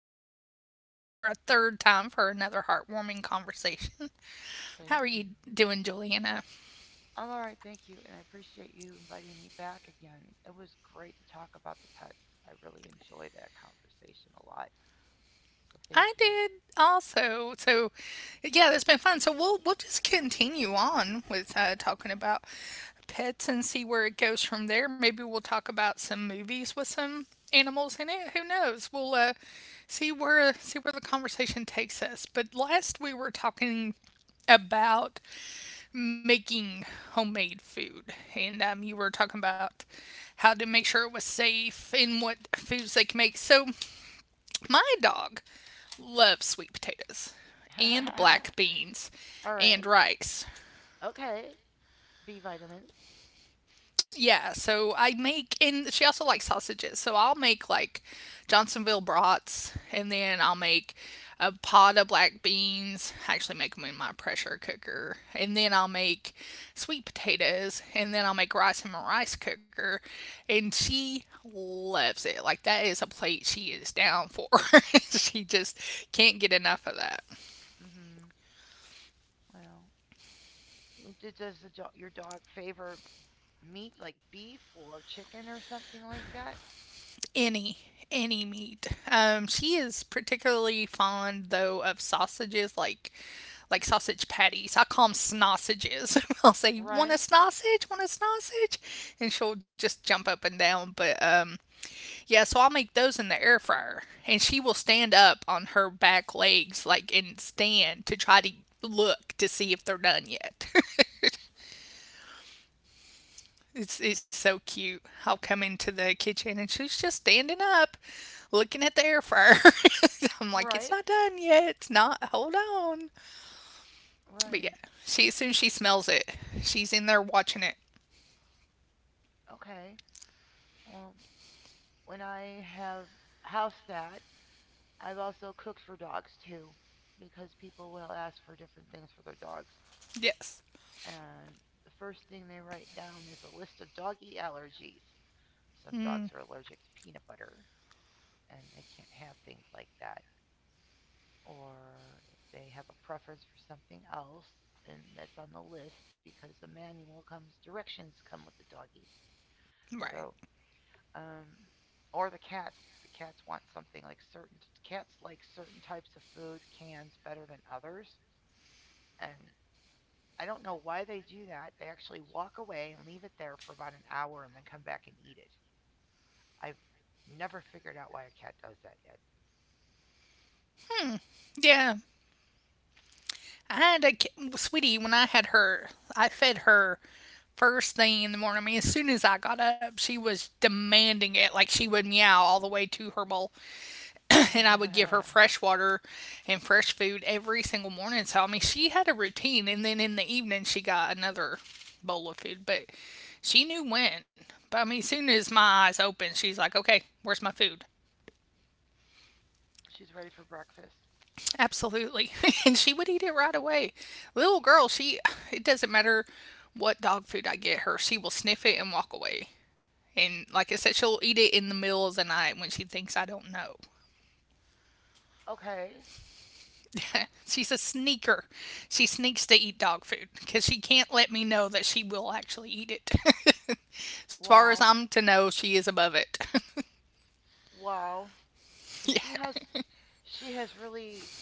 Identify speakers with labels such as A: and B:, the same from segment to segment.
A: We are blessed to have her for a third time for another heartwarming conversation. How are
B: Thank you.
A: you doing, Juliana?
B: I'm all right, thank you, and I appreciate you inviting me back again. It was great to talk about the pets. I really enjoy that conversation a lot, so thank
A: I
B: you.
A: did also. So, yeah, that's been fun. So we'll just continue on with talking about pets and see where it goes from there. Maybe we'll talk about some movies with some animals in it. Who knows? We'll see where the conversation takes us. But last we were talking about making homemade food, and you were talking about how to make sure it was safe and what foods they can make. So my dog loves sweet potatoes and black beans
B: All right,
A: and rice.
B: okay. B vitamins.
A: Yeah, so I make, and she also likes sausages. So I'll make like Johnsonville brats, and then I'll make a pot of black beans. I actually make them in my pressure cooker. And then I'll make sweet potatoes, and then I'll make rice in my rice cooker. And she loves it. Like, that is a plate she is down for. She just can't get enough of that.
B: Mm-hmm. Well, your dog favor meat like beef or chicken or something like that?
A: any any meat. She is particularly fond though of sausages, like sausage patties. I call them snossages. I'll say, "Want a
B: Right,
A: snossage? Want a snossage?" And she'll just jump up and down. But yeah, so I'll make those in the air fryer, and she will stand up on her back legs, like, and stand to try to look to see if they're done yet. It's so cute. I'll come into the kitchen and she's just standing up, looking at the air fryer. I'm like, it's
B: right,
A: not done yet. It's not. Hold on. But yeah,
B: right.
A: she, as soon as she smells it, she's in there watching it.
B: Okay. Well, when I have house sat, I've also cooked for dogs too, because people will ask for different things for their dogs.
A: Yes.
B: And the first thing they write down is a list of doggy allergies. Some dogs are allergic to peanut butter and they can't have things like that. Or they have a preference for something else and that's on the list because the manual comes, directions come with the doggy.
A: Right.
B: So, um, or the cats. The cats want something like certain, cats like certain types of food, cans better than others. And I don't know why they do that. They actually walk away and leave it there for about an hour and then come back and eat it. I've never figured out why a cat does that yet.
A: Yeah. I had a sweetie when I had her. I fed her first thing in the morning. I mean, as soon as I got up, she was demanding it. Like, she would meow all the way to her bowl. And I would give her fresh water and fresh food every single morning. So I mean, she had a routine, and then in the evening she got another bowl of food, but she knew when. But I mean, as soon as my eyes opened, she's like, "Okay, where's my food?"
B: She's ready for breakfast.
A: Absolutely, and she would eat it right away. Little girl, she it doesn't matter what dog food I get her, she will sniff it and walk away. And like I said, she'll eat it in the middle of the night when she thinks I don't know.
B: Okay.
A: She's a sneaker. She sneaks to eat dog food because she can't let me know that she will actually eat it. As far as
B: Wow.
A: I'm to know, she is above it.
B: Wow. She has really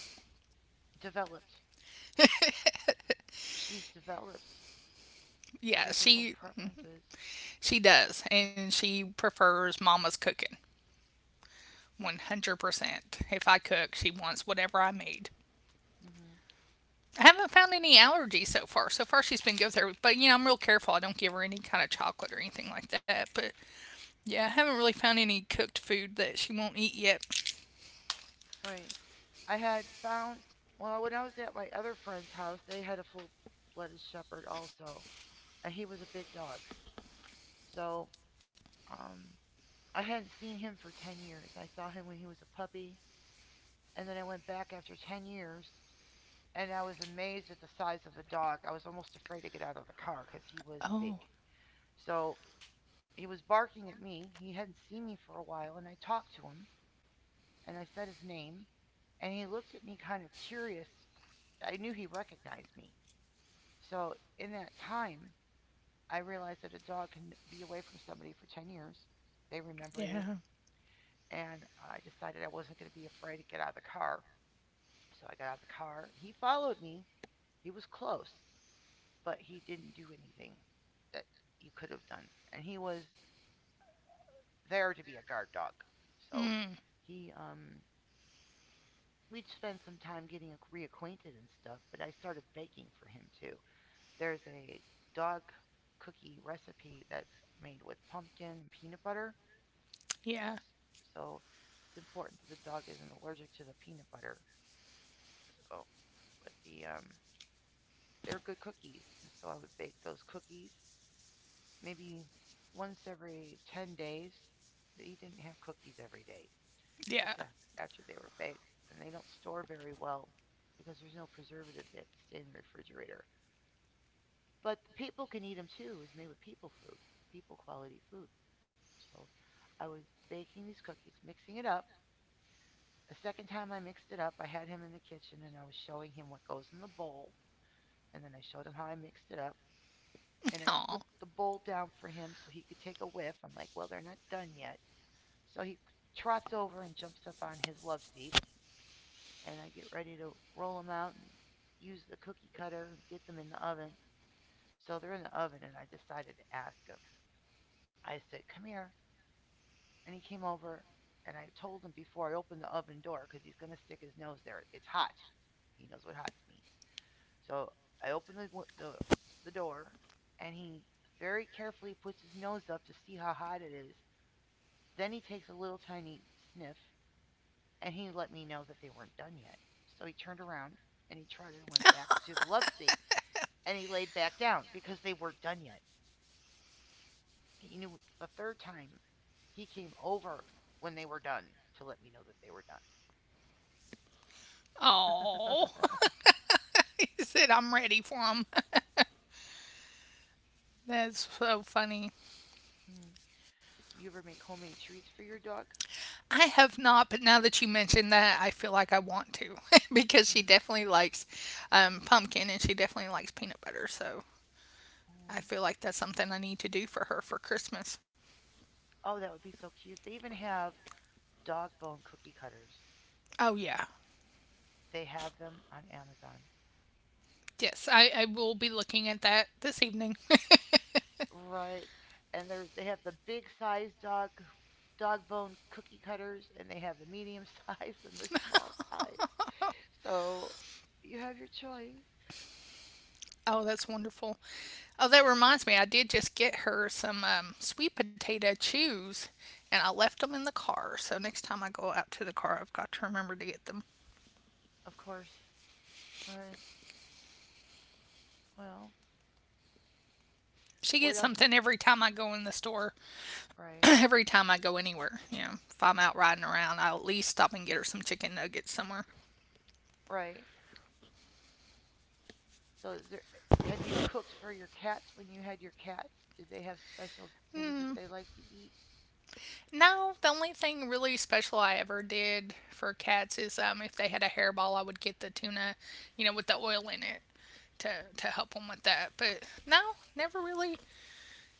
B: developed. She's developed. She
A: Yeah,
B: has her own
A: she
B: preferences.
A: she does, and she prefers Mama's cooking 100%. If I cook, she wants whatever I made.
B: Hmm.
A: I haven't found any allergies so far. So far, she's been good there, but you know, I'm real careful. I don't give her any kind of chocolate or anything like that. But yeah, I haven't really found any cooked food that she won't eat yet.
B: Right. I had found, well, when I was at my other friend's house, they had a full blooded shepherd also, and he was a big dog. So um, I hadn't seen him for 10 years. I saw him when he was a puppy, and then I went back after 10 years, and I was amazed at the size of the dog. I was almost afraid to get out of the car because he was big.
A: Oh,
B: So he was barking at me. He hadn't seen me for a while, and I talked to him, and I said his name, and he looked at me kind of curious. I knew he recognized me. So in that time, I realized that a dog can be away from somebody for 10 years. They remember you,
A: yeah,
B: and I decided I wasn't going to be afraid to get out of the car. So I got out of the car. He followed me. He was close, but he didn't do anything that you could have done. And he was there to be a guard dog. So he, we'd spend some time getting reacquainted and stuff, but I started baking for him too. There's a dog cookie recipe that's made with pumpkin and peanut butter.
A: yeah,
B: So it's important that the dog isn't allergic to the peanut butter. So but the they're good cookies. So I would bake those cookies maybe once every 10 days. They didn't have cookies every day,
A: yeah.
B: just after they were baked. And they don't store very well because there's no preservatives. They have to stay in the refrigerator. But the people can eat them too. It was made with people food, people quality food. So I was baking these cookies, mixing it up. The second time I mixed it up, I had him in the kitchen and I was showing him what goes in the bowl. And then I showed him how I mixed it up. And I put
A: Oh,
B: the bowl down for him so he could take a whiff. I'm like, well, they're not done yet. So he trots over and jumps up on his love seat, and I get ready to roll them out and use the cookie cutter and get them in the oven. So they're in the oven, and I decided to ask him. I said, come here. And he came over, and I told him before I opened the oven door because he's going to stick his nose there. It's hot. He knows what hot means. So I open the the door, and he very carefully puts his nose up to see how hot it is. Then he takes a little tiny sniff, and he let me know that they weren't done yet. So he turned around and he tried it and went back to the love seat, and he laid back down because they weren't done yet. He knew the third time he came over when they were done to let me know that they were done.
A: oh. He said, I'm ready for him. That's so funny.
B: Mm. You ever make homemade treats for your dog?
A: I have not, but now that you mentioned that, I feel like I want to, because she
B: Mm-hmm.
A: definitely likes pumpkin and she definitely likes peanut butter. So
B: Mm.
A: I feel like that's something I need to do for her for Christmas.
B: Oh, that would be so cute. They even have dog bone cookie cutters.
A: Oh, yeah.
B: They have them on Amazon.
A: Yes, I will be looking at that this evening.
B: Right. And there's they have the big size dog bone cookie cutters and they have the medium size and the small size. So you have your choice.
A: Oh, that's wonderful. Oh, that reminds me, I did just get her some sweet potato chews, and I left them in the car. So next time I go out to the car, I've got to remember to get them.
B: Of course. Right. Well,
A: She
B: what
A: gets
B: else?
A: something every time I go in the store,
B: Right.
A: every time I go anywhere. You know, if I'm out riding around, I'll at least stop and get her some chicken nuggets somewhere.
B: Right. So is there have you cooked for your cats when you had your cats? Do they have special things that they like to eat?
A: No, the only thing really special I ever did for cats is, if they had a hairball, I would get the tuna, you know, with the oil in it, to, to help them with that. But no, never really.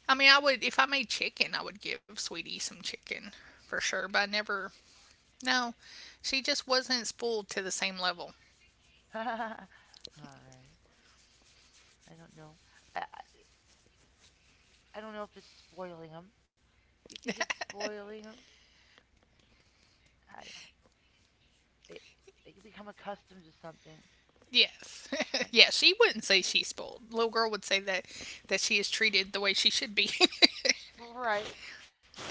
A: I mean, I would, if I made chicken, I would give Sweetie some chicken for sure, but I never, no, she just wasn't spoiled to the same level.
B: All right. I don't know. I I I don't know if it's spoiling them. You think it's spoiling them? I don't know. They they can become accustomed to something,
A: Yes.
B: and
A: Yeah, she wouldn't say she's spoiled. Little girl would say that, that she is treated the way she should be.
B: right,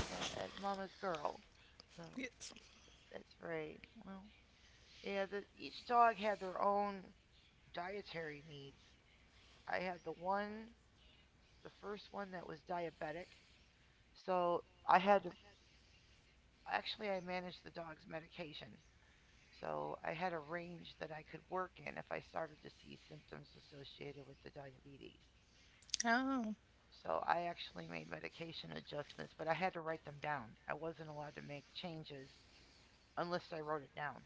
B: as Mama's girl, so
A: Yes.
B: that's right. Well. Yeah, each dog had their own dietary needs. I had the one, the first one that was diabetic, so I had to actually I managed the dog's medication. So I had a range that I could work in if I started to see symptoms associated with the diabetes.
A: Oh.
B: So I actually made medication adjustments, but I had to write them down. I wasn't allowed to make changes unless I wrote it down.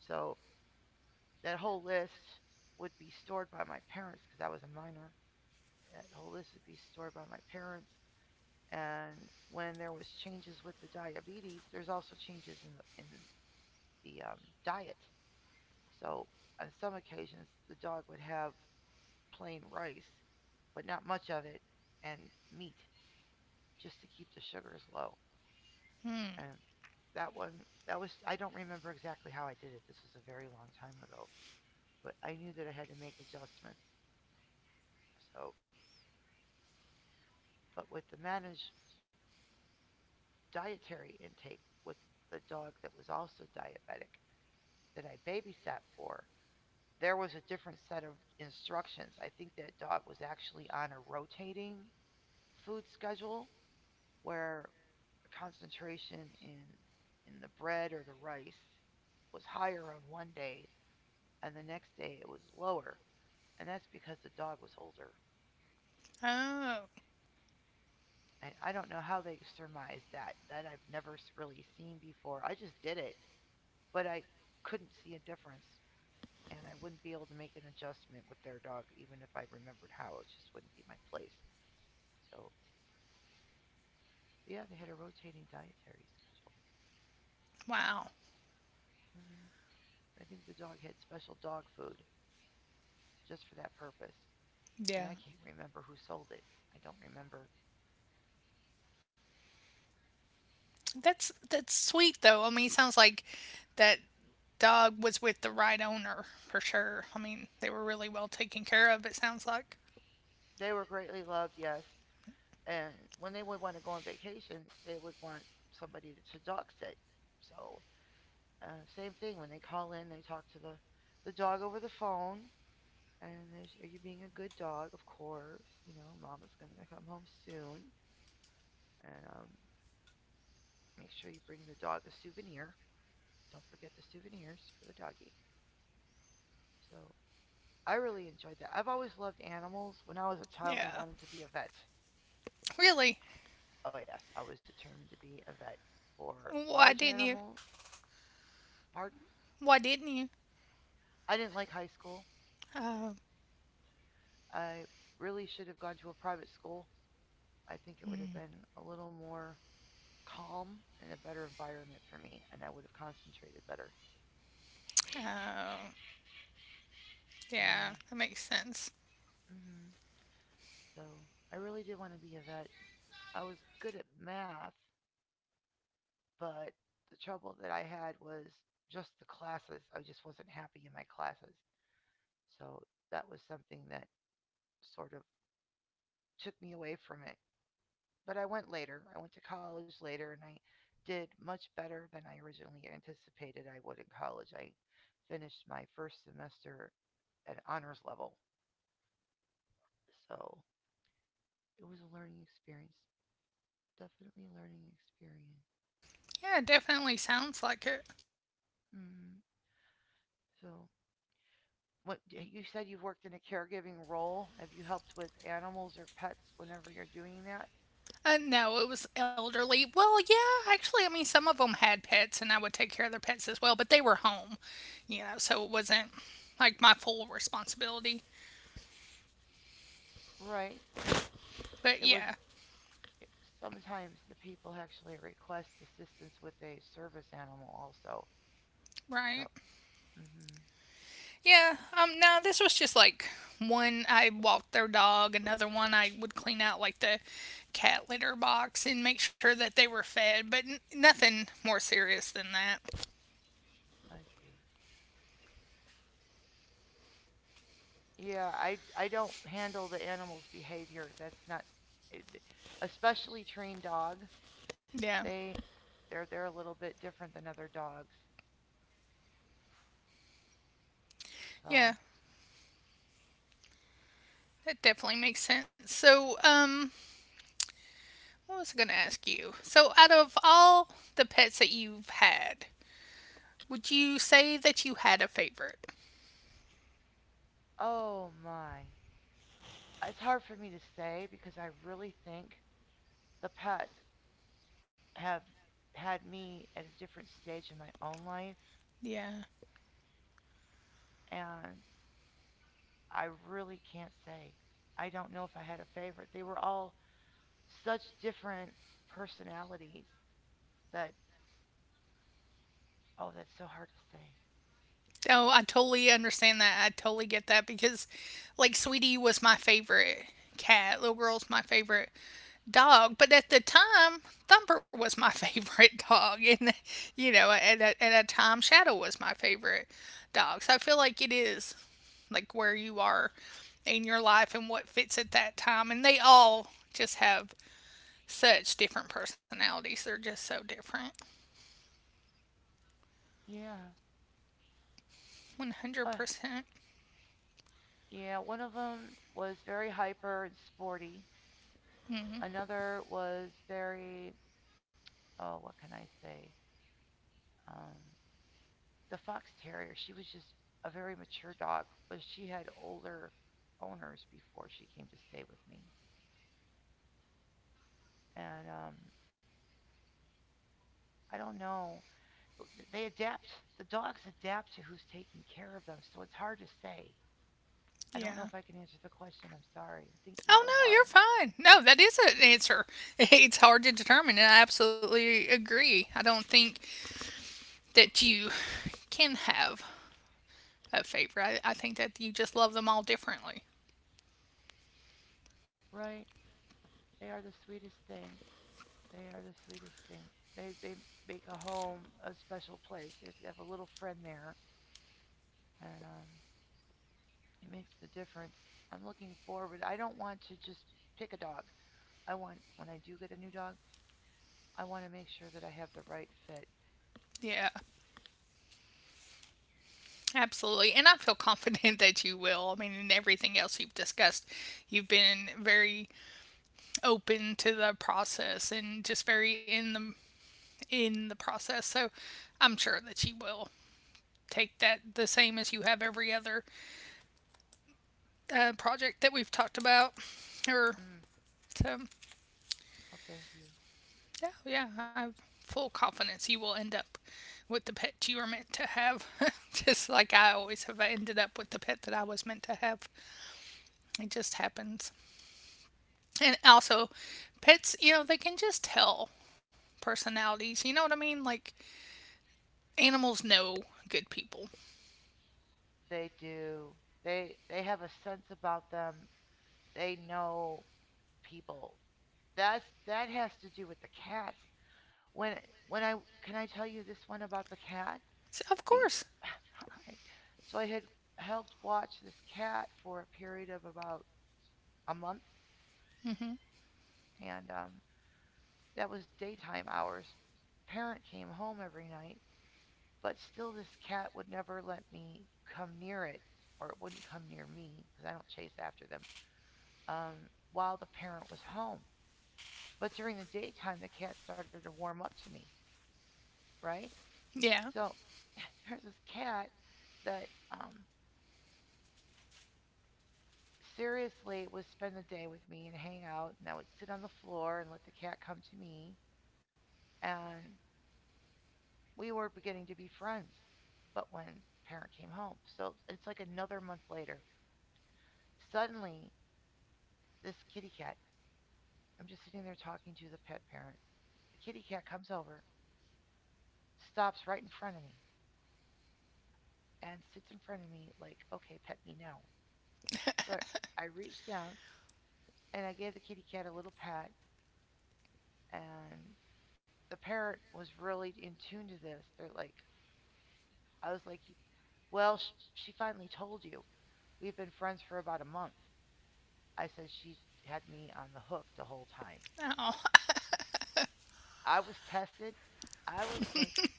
B: So that whole list would be stored by my parents because I was a minor. That whole list would be stored by my parents. And when there was changes with the diabetes, there's also changes in the diet. So on some occasions, the dog would have plain rice, but not much of it, and meat just to keep the sugars low.
A: Hmm.
B: Um, that one, that was, I don't remember exactly how I did it. This was a very long time ago, but I knew that I had to make adjustments. So, but with the managed dietary intake with the dog that was also diabetic that I babysat for, there was a different set of instructions. I think that dog was actually on a rotating food schedule where the concentration in the bread or the rice was higher on one day and the next day it was lower and that's because the dog was older.
A: Oh.
B: And I don't know how they surmised that. That I've never really seen before. I just did it, but I couldn't see a difference, and I wouldn't be able to make an adjustment with their dog, even if I remembered how. It just wouldn't be my place. So yeah, they had a rotating dietary schedule.
A: Wow.
B: Hmm. I think the dog had special dog food just for that purpose, and
A: Yeah.
B: I can't remember who sold it. I don't remember.
A: That's sweet though. I mean, it sounds like that dog was with the right owner for sure. I mean, they were really well taken care of. It sounds like.
B: They were greatly loved, yes, and when they would want to go on vacation, they would want somebody to dog sit. So same thing when they call in, they talk to the dog over the phone, and they say, "Are you being a good dog?" Of course, you know, Mama's gonna come home soon, and make sure you bring the dog a souvenir. Don't forget the souvenirs for the doggy. So I really enjoyed that. I've always loved animals. When I was a child, I
A: Yeah.
B: wanted to be a vet.
A: Really.
B: Oh yes, I was determined to be a vet for
A: Why
B: large
A: didn't you?
B: animals. Pardon?
A: Why didn't you?
B: I didn't like high school.
A: Oh.
B: I really should have gone to a private school. I think it would
A: Mm.
B: have been a little more calm and a better environment for me, and I would have concentrated better. So,
A: Oh. Yeah.
B: yeah.
A: That makes sense.
B: Hmm. So, I really did want to be a vet. I was good at math, but the trouble that I had was just the classes. I just wasn't happy in my classes. So, that was something that sort of took me away from it. But I went later. I went to college later and I did much better than I originally anticipated I would in college. I finished my first semester at honors level. So it was a learning experience. Definitely a learning experience.
A: Yeah, it definitely sounds like it.
B: Mm, so, what you said you've worked in a caregiving role. Have you helped with animals or pets whenever you're doing that?
A: No, it was elderly. Well, yeah, actually, I mean, some of them had pets, and I would take care of their pets as well, but they were home, so it wasn't like my full responsibility.
B: Right.
A: But
B: It was
A: yeah.
B: sometimes the people actually request assistance with a service animal also. So,
A: Right.
B: mhm.
A: Yeah. No, this was just like one. I walked their dog. Another one, I would clean out like the cat litter box and make sure that they were fed. But nothing more serious than that.
B: I see. Yeah, I don't handle the animal's behavior. That's not it, especially trained dog.
A: Yeah.
B: They they're a little bit different than other dogs. So,
A: Yeah. That definitely makes sense. So, what was I gonna ask you? So, out of all the pets that you've had, would you say that you had a favorite?
B: oh my. It's hard for me to say because I really think the pets have had me at a different stage in my own life
A: Yeah.
B: and I really can't say. I don't know if I had a favorite. They were all such different personalities that Oh, that's so hard to say.
A: Oh, I totally understand that. I totally get that because, like, Sweetie was my favorite cat. Little Girl's my favorite dog. But at the time, Thumper was my favorite dog. And, you know, at a time, Shadow was my favorite dog. So I feel like it is, like, where you are in your life and what fits at that time. And they all just have such different personalities. They're just so different.
B: Yeah. Uh,
A: 100%. Percent.
B: yeah, one of them was very hyper and sporty.
A: Mm-hmm.
B: Another was very, oh, what can I say? Um, the Fox Terrier, she was just a very mature dog, but she had older owners before she came to stay with me. And I don't know. They adapt. The dogs adapt to who's taking care of them, so it's hard to say. I don't know
A: Yeah.
B: if I can answer the question. I'm sorry. I'm thinking
A: Oh
B: real
A: no, you're
B: hard.
A: fine. No, that is an answer. It's hard to determine, and I absolutely agree. I don't think that you can have a favorite. I think that you just love them all differently.
B: Right? They are the sweetest things. They are the sweetest things. They make a home a special place. There's you have a little friend there, and it makes the difference. I'm looking forward. I don't want to just pick a dog. I want when I do get a new dog, I want to make sure that I have the right fit.
A: Yeah, absolutely. And I feel confident that you will. I mean, in everything else you've discussed, you've been very open to the process and just very in the process. So, I'm sure that you will take that the same as you have every other project that we've talked about or
B: Mm,
A: um,
B: well, thank you.
A: yeah, yeah, I have full confidence you will end up with the pet you were meant to have. Just like I always have ended up with the pet that I was meant to have. It just happens. And also, pets, they can just tell personalities. You know what I mean? Like, animals know good people.
B: They do. They have a sense about them. They know people. That's that has to do with the cats. When when I can I tell you this one about the cat?
A: So, of
B: The
A: course.
B: Hi. So I had helped watch this cat for a period of about a month,
A: Hmm.
B: and that was daytime hours. Parent came home every night, but still this cat would never let me come near it, or it wouldn't come near me because I don't chase after them. While the parent was home, but during the daytime the cat started to warm up to me, right?
A: Yeah.
B: So there's this cat that seriously would spend the day with me and hang out, and I would sit on the floor and let the cat come to me. And we were beginning to be friends. But when parent came home, so it's like another month later, suddenly this kitty cat, I'm just sitting there talking to the pet parent. The kitty cat comes over, stops right in front of me, and sits in front of me like, okay, pet me now. So I reached down and I gave the kitty cat a little pat, and the parent was really in tune to this. They're like, I was like, well, she finally told you. We've been friends for about a month. I said she had me on the hook the whole time.
A: Oh,
B: I was tested. I was tested.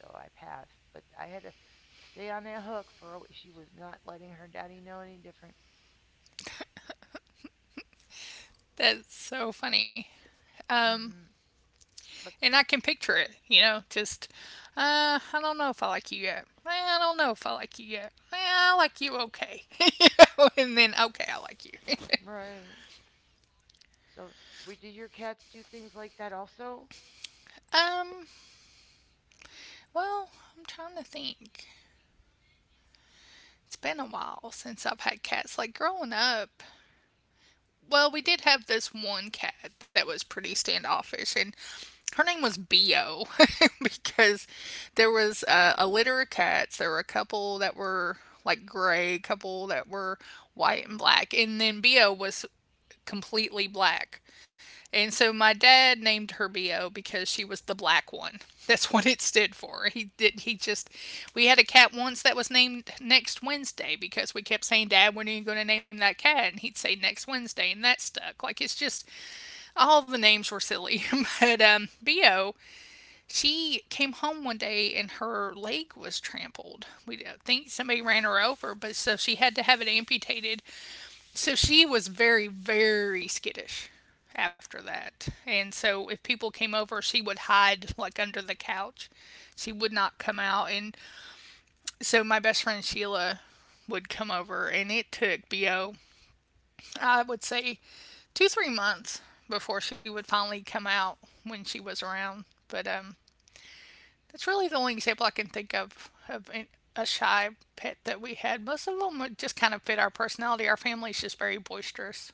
B: So I passed. But I had to stay on that hook for a She was not letting her daddy know any different.
A: that's so funny. Um,
B: Hmm. But,
A: And I can picture it, you know, just, I don't know if I like you yet. Eh, I don't know if I like you yet. Eh, I like you okay. And then, okay, I like you.
B: right. So, we, did your cats do things like that also?
A: um, well, I'm trying to think. It's been a while since I've had cats. Like, growing up, well, we did have this one cat that was pretty standoffish, and her name was Bio because there was a litter of cats. There were a couple that were like gray, a couple that were white and black, and then Bio was completely black. And so my dad named her BO because she was the black one. That's what it stood for. He did he just We had a cat once that was named next Wednesday because we kept saying, Dad, when are you gonna name that cat? And he'd say next Wednesday and that stuck. Like, it's just all the names were silly. But BO, she came home one day and her leg was trampled. We think somebody ran her over, but so she had to have it amputated, so she was very, very skittish after that. And so if people came over she would hide, like, under the couch. She would not come out. And so my best friend Sheila would come over, and it took BO, I would say, 2-3 months before she would finally come out when she was around. But that's really the only example I can think of a shy pet that we had. Most of them would just kind of fit our personality. Our family's just very boisterous.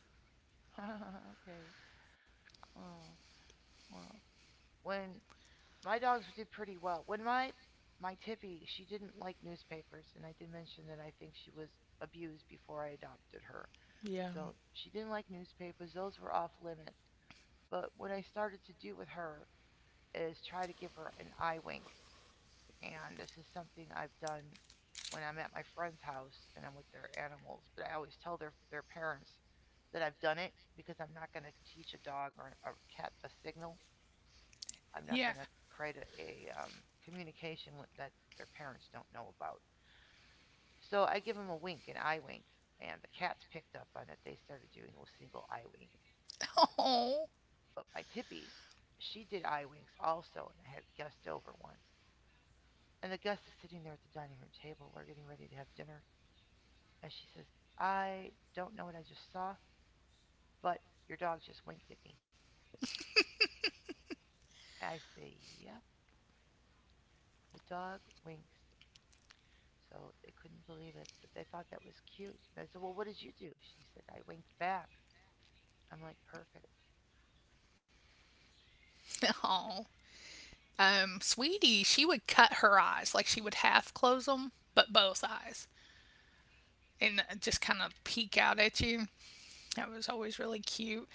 B: Okay. Oh, well. When My dogs did pretty well. When my Tippy, she didn't like newspapers, and I did mention that I think she was abused before I adopted her.
A: Yeah,
B: So she didn't like newspapers; those were off limits. But what I started to do with her is try to give her an eye wink, and this is something I've done when I'm at my friend's house and I'm with their animals. But I always tell their parents that I've done it because I'm not going to teach a dog or a cat a signal. I'm not
A: yeah.
B: going to create a communication that their parents don't know about. So I give them a wink, an eye wink, and the cats picked up on it. They started doing a single eye wink. And the,
A: Oh,
B: but my Tippy, she did eye winks also, and I had Gust over once. And the Gus is sitting there at the dining room table. We're getting ready to have dinner. And she says, I don't know what I just saw, but your dog just winked at me. I say, yep, the dog winks. So they couldn't believe it, but they thought that was cute. I said, well, what did you do? She said, I winked back. I'm like, perfect.
A: oh. Sweetie, she would cut her eyes. Like, she would half close them, but both eyes. And just kind of peek out at you. That was always really cute.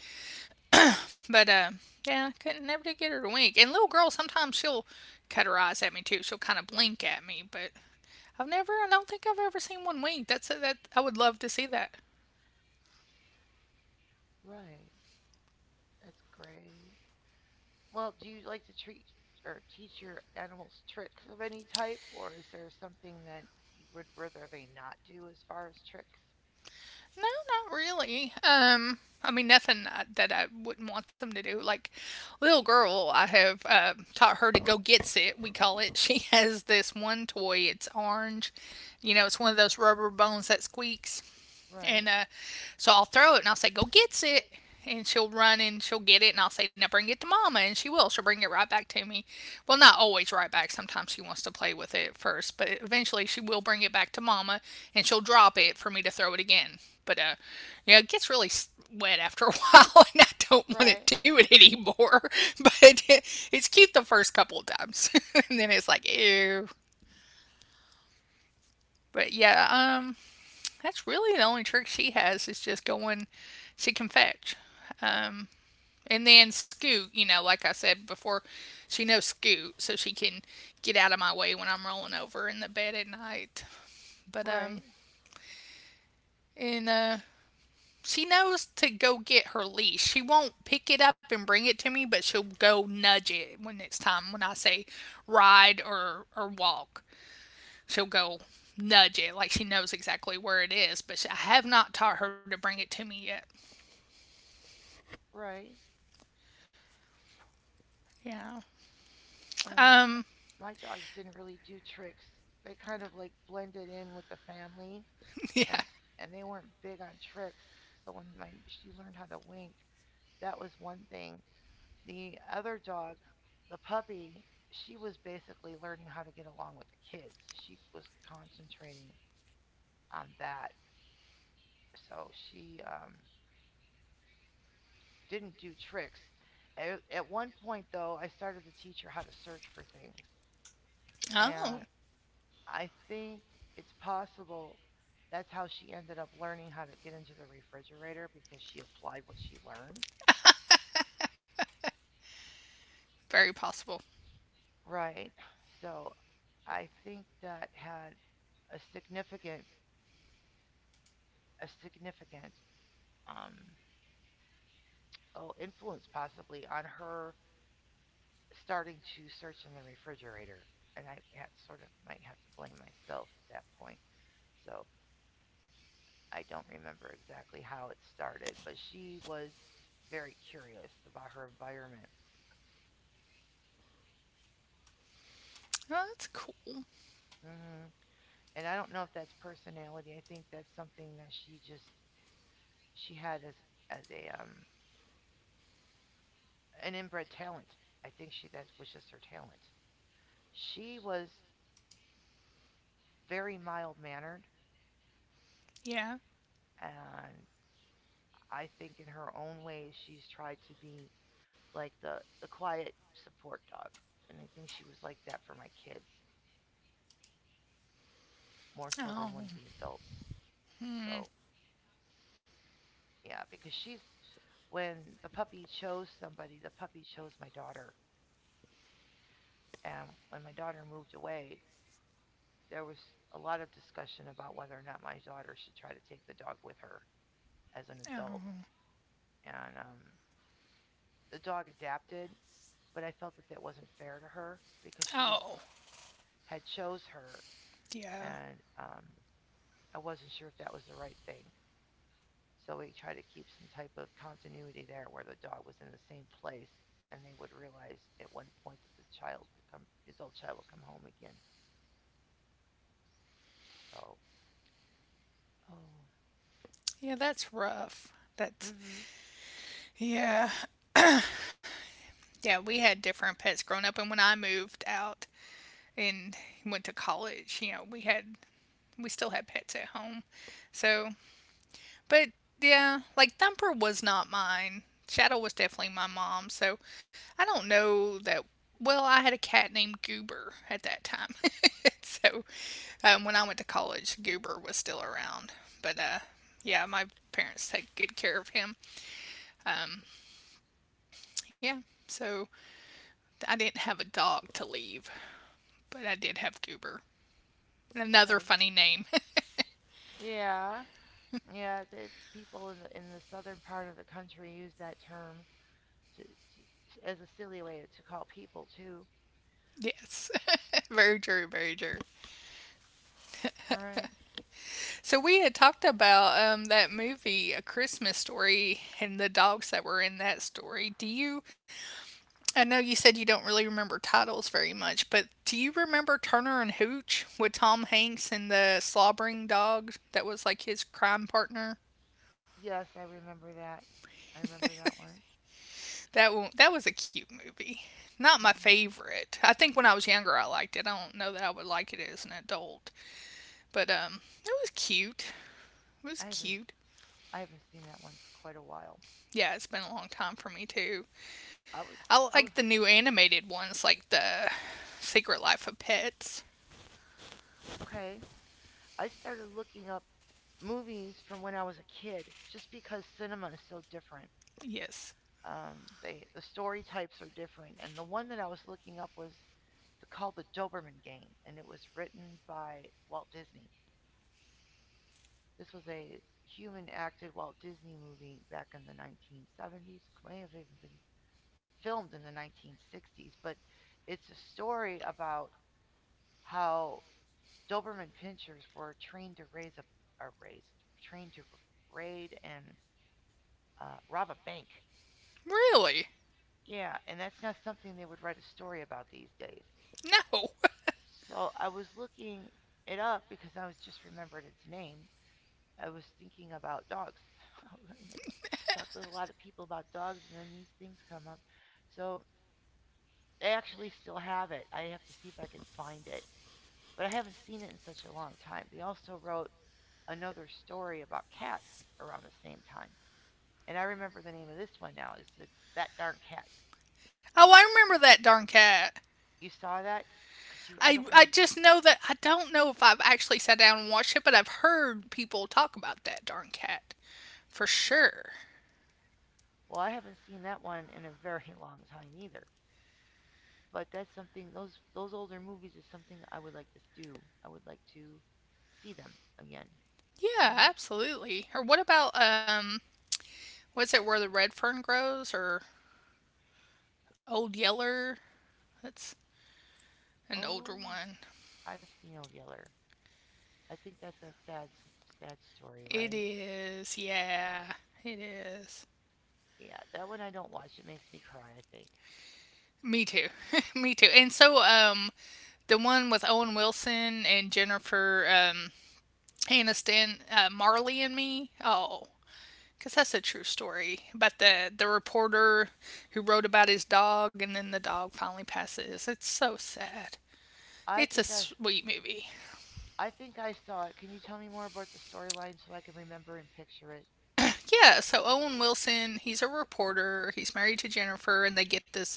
A: But yeah, couldn't never get her to wink. And little girl, sometimes she'll cut her eyes at me too. She'll kind of blink at me, but I've never. I don't think I've ever seen one wink. That's a, that. I would love to see that.
B: Right. That's great. Well, do you like to treat or teach your animals tricks of any type, or is there something that you would rather they not do as far as tricks?
A: No, not really. I mean, nothing that I wouldn't want them to do. Like, little girl, I have taught her to go gets it. We call it. She has this one toy. It's orange. It's one of those rubber bones that squeaks.
B: Right.
A: And so I'll throw it and I'll say, go gets it. And she'll run and she'll get it. And I'll say, now bring it to mama. And she will. She'll bring it right back to me. Well, not always right back. Sometimes she wants to play with it first. But eventually she will bring it back to mama and she'll drop it for me to throw it again. But, it gets really wet after a while and I don't want to
B: Right.
A: do it anymore. But it's cute the first couple of times. And then it's like, ew. But yeah, that's really the only trick she has is just going. She can fetch, um, and then scoot. Like I said before, she knows scoot, so she can get out of my way when I'm rolling over in the bed at night. But
B: Right.
A: and She knows to go get her leash. She won't pick it up and bring it to me, but she'll go nudge it when it's time. When I say ride or walk, she'll go nudge it like she knows exactly where it is. I have not taught her to bring it to me yet.
B: Right.
A: Yeah.
B: Um,
A: Um,
B: my dogs didn't really do tricks. They kind of like blended in with the family. and
A: yeah.
B: and they weren't big on tricks. So when my, she learned how to wink, that was one thing. The other dog, the puppy, she was basically learning how to get along with the kids. She was concentrating on that, so she didn't do tricks. At one point, though, I started to teach her how to search for things,
A: Oh,
B: and I think it's possible that's how she ended up learning how to get into the refrigerator because she applied what she learned.
A: very possible.
B: Right. So I think that had a significant a significant um oh influence possibly on her starting to search in the refrigerator. And I had sort of might have to blame myself at that point. So I don't remember exactly how it started, but she was very curious about her environment.
A: Oh, that's cool.
B: Hmm. And I don't know if that's personality. I think that's something that she just she had as a an inbred talent. I think she that was just her talent. She was very mild mannered,
A: Yeah.
B: and I think in her own way she's tried to be like the quiet support dog, and I think she was like that for my kids more so
A: Oh.
B: than one of the adults.
A: Hmm.
B: So yeah, because she's when the puppy chose somebody, the puppy chose my daughter, and when my daughter moved away, there was a lot of discussion about whether or not my daughter should try to take the dog with her as an adult
A: Oh.
B: and the dog adapted, but I felt that that wasn't fair to her because she was
A: Oh.
B: had chose her,
A: Yeah.
B: and I wasn't sure if that was the right thing. So we tried to keep some type of continuity there where the dog was in the same place, and they would realize at one point that the child would come, the adult child would come home again. So, oh,
A: Yeah, that's rough. That's
B: mm-hmm,
A: yeah. Yeah, we
B: yeah,
A: had different pets growing up and when I moved out and went to college, we had we still had pets at home. So. But yeah, like Thumper was not mine. Shadow was definitely my mom. So I don't know that. Well, I had a cat named Goober at that time. So when I went to college, Goober was still around. But yeah, my parents take good care of him. Yeah. So I didn't have a dog to leave, but I did have Goober. Another
B: okay,
A: funny name.
B: yeah, yeah. The people in the southern part of the country use that term as a silly way to call people too.
A: Yes. Very true. Very true.
B: All right.
A: So we had talked about that movie, A Christmas Story, and the dogs that were in that story. Do you? I know you said you don't really remember titles very much, but do you remember Turner and Hooch with Tom Hanks and the slobbering dog that was like his crime partner?
B: Yes, I remember that. I remember that one.
A: That one, that was a cute movie. Not my
B: Hmm.
A: favorite. I think when I was younger, I liked it. I don't know that I would like it as an adult, but it was cute. It
B: I
A: was
B: haven't
A: cute.
B: I haven't seen that one for quite a while.
A: Yeah, it's been a long time for me too.
B: I was
A: I
B: I was
A: like the new animated ones, like the Secret Life of Pets.
B: Okay. I started looking up movies from when I was a kid just because cinema is so different.
A: Yes.
B: They the story types are different, and the one that I was looking up was called the Doberman Gang, and it was written by Walt Disney. This was a human acted Walt Disney movie back in the 1970s. It may have even been filmed in the 1960s, but it's a story about how Doberman Pinschers were trained to raise a, or raised, trained to raid and rob a bank.
A: Really?
B: Yeah, and that's not something they would write a story about these days.
A: No.
B: So I was looking it up because I was just remembered its name. I was thinking about dogs. You know, like, talk with a lot of people about dogs, and then these things come up. So I actually still have it. I have to see if I can find it, but I haven't seen it in such a long time. They also wrote another story about cats around the same time, and I remember the name of this one now. Is that that darn cat?
A: Oh, I remember that darn cat.
B: You saw that? Could you? I
A: I,
B: don't
A: I
B: remember this.
A: just know that I don't know if I've actually sat down and watched it, but I've heard people talk about that darn cat for sure.
B: Well, I haven't seen that one in a very long time either. But that's something those older movies is something I would like to do. I would like to see them again. And
A: Yeah,
B: I'm
A: absolutely. Or what about what's it where the red fern grows or Old Yeller? That's an older
B: Oh,
A: one.
B: yeah, I've seen Old Yeller. I think that's that sad sad story,
A: It
B: right?
A: is. Yeah, it is.
B: Yeah, that one I don't watch. It makes me cry. I think.
A: Me too. Me too. And so the one with Owen Wilson and Jennifer Aniston, Marley and Me. Oh, cuz that's a true story about the reporter who wrote about his dog and then the dog finally passes. It's so sad.
B: I
A: It's a
B: think I've
A: sweet movie.
B: I think I saw it. Can you tell me more about the storyline so I can remember and picture it?
A: Yeah, so Owen Wilson, he's a reporter. He's married to Jennifer, and they get this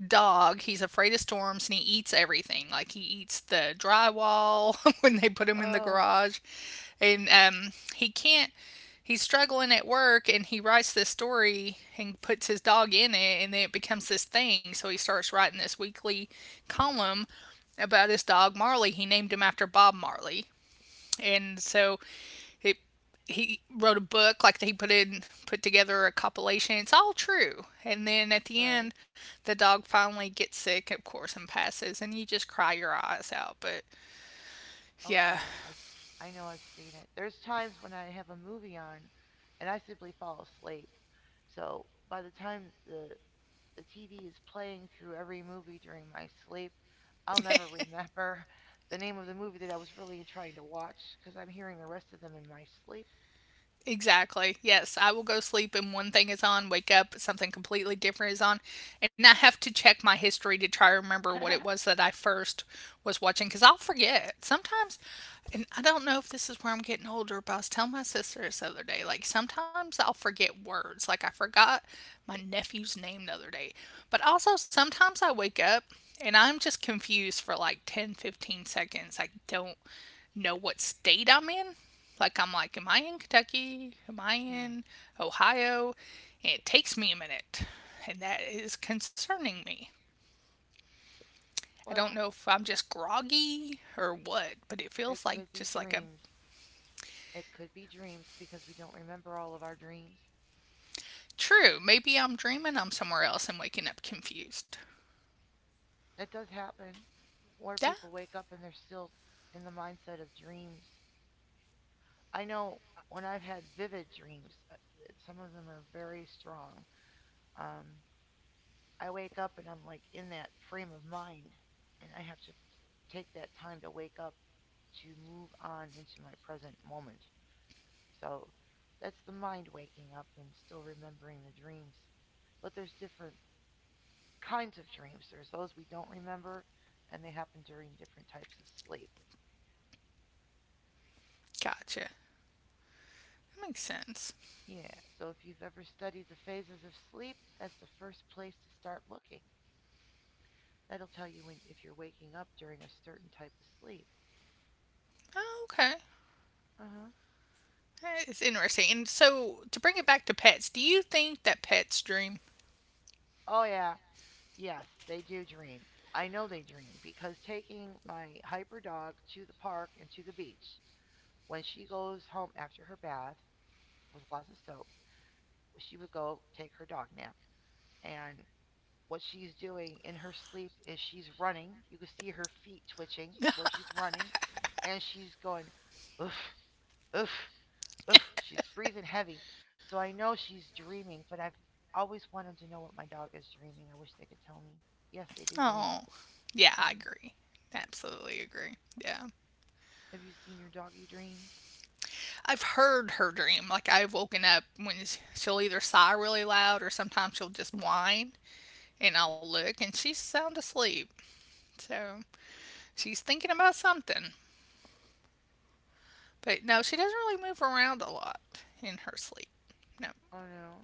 A: dog. He's afraid of storms, and he eats everything. Like he eats the drywall when they put him in the
B: Oh,
A: garage, and he can't. He's struggling at work, and he writes this story and puts his dog in it, and then it becomes this thing. So he starts writing this weekly column about his dog Marley. He named him after Bob Marley. And so he he wrote a book like he put together a compilation. It's all true. And then at the
B: right.
A: end, the dog finally gets sick, of course, and passes, and you just cry your eyes out. But yeah.
B: Okay. I've s- I have I know I've seen it. There's times when I have a movie on and I simply fall asleep. So by the time the TV is playing through every movie during my sleep. I'll never remember the name of the movie that I was really trying to watch because I'm hearing the rest of them in my sleep.
A: Exactly. Yes, I will go sleep and one thing is on, wake up, something completely different is on, and I have to check my history to try to remember what
B: Hmm.
A: it was that I first was watching because I'll forget. Sometimes, and I don't know if this is where I'm getting older, but I was telling my sister this other day, like sometimes I'll forget words. Like I forgot my nephew's name the other day, but also sometimes I wake up and I'm just confused for like 10, 15 seconds. I don't know what state I'm in. Like I'm like, am I in Kentucky? Am I in Ohio? And it takes me a minute, and that is concerning me. I don't
B: Well,
A: know if I'm just groggy or what, but it
B: it
A: feels like
B: could be
A: just like a.
B: dreams. It could be dreams because we don't remember all of our dreams.
A: True. Maybe I'm dreaming I'm somewhere else and waking up confused.
B: It does happen where
A: Yeah,
B: people wake up and they're still in the mindset of dreams. I know when I've had vivid dreams, some of them are very strong. Um, I wake up and I'm like in that frame of mind and I have to take that time to wake up to move on into my present moment. So that's the mind waking up and still remembering the dreams. But there's different kinds of dreams. There's those we don't remember and they happen during different types of sleep.
A: gotcha. That makes sense.
B: Yeah, so if you've ever studied the phases of sleep, that's the first place to start looking. That'll tell you when if you're waking up during a certain type of sleep.
A: Oh, okay.
B: Uh-huh.
A: That is interesting. And so to bring it back to pets, do you think that pets dream?
B: Oh yeah, yes, they do dream. I know they dream because taking my hyper dog to the park and to the beach, when she goes home after her bath with lots of soap, she would go take her dog nap. And what she's doing in her sleep is she's running. You can see her feet twitching where she's running, and she's going, oof, oof, oof. She's breathing heavy. So I know she's dreaming, but I've always wanted to know what my dog is dreaming. I wish they could tell me. Yes, they do dream.
A: Oh, yeah, I
B: hmm
A: agree. Absolutely agree. Yeah.
B: Have you seen your doggy dream?
A: I've heard her dream. Like I've woken up when she'll either sigh really loud or sometimes she'll just whine, and I'll look and she's sound asleep. So she's thinking about something. But no, she doesn't really move around a lot in her sleep. No,
B: Oh no.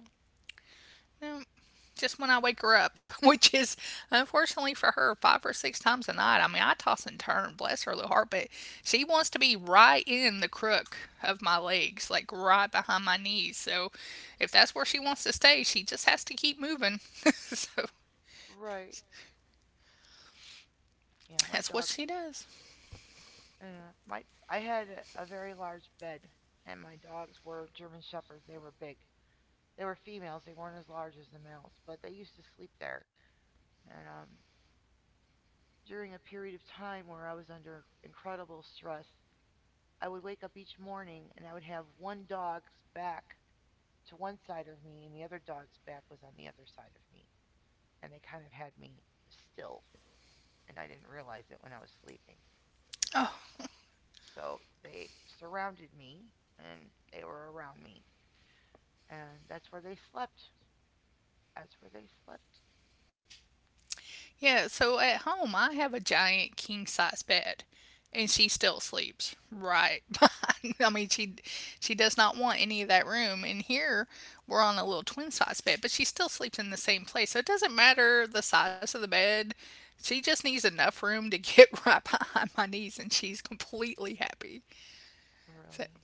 A: no. Just when I wake her up, which is unfortunately for her five or six times a night. I mean, I toss and turn, bless her little heart, but she wants to be right in the crook of my legs, like right behind my knees. So if that's where she wants to stay, she just has to keep moving. So
B: Right. Yeah, my
A: that's what
B: dogs.
A: she does.
B: My I had very large bed, and my dogs were German shepherds. They were big. They were females. They weren't as large as the males, but they used to sleep there. And during a period of time where I was under incredible stress, I would wake up each morning and I would have one dog's back to one side of me, and the other dog's back was on the other side of me, and they kind of had me still, and I didn't realize it when I was sleeping.
A: Oh.
B: So they surrounded me and they were around me. And that's where they slept. That's where they slept.
A: Yeah, so at home I have a giant king size bed and she still sleeps right behind. I mean, she does not want any of that room, and here we're on a little twin size bed, but she still sleeps in the same place. So it doesn't matter the size of the bed. She just needs enough room to get right behind my knees and she's completely happy. So
B: Really?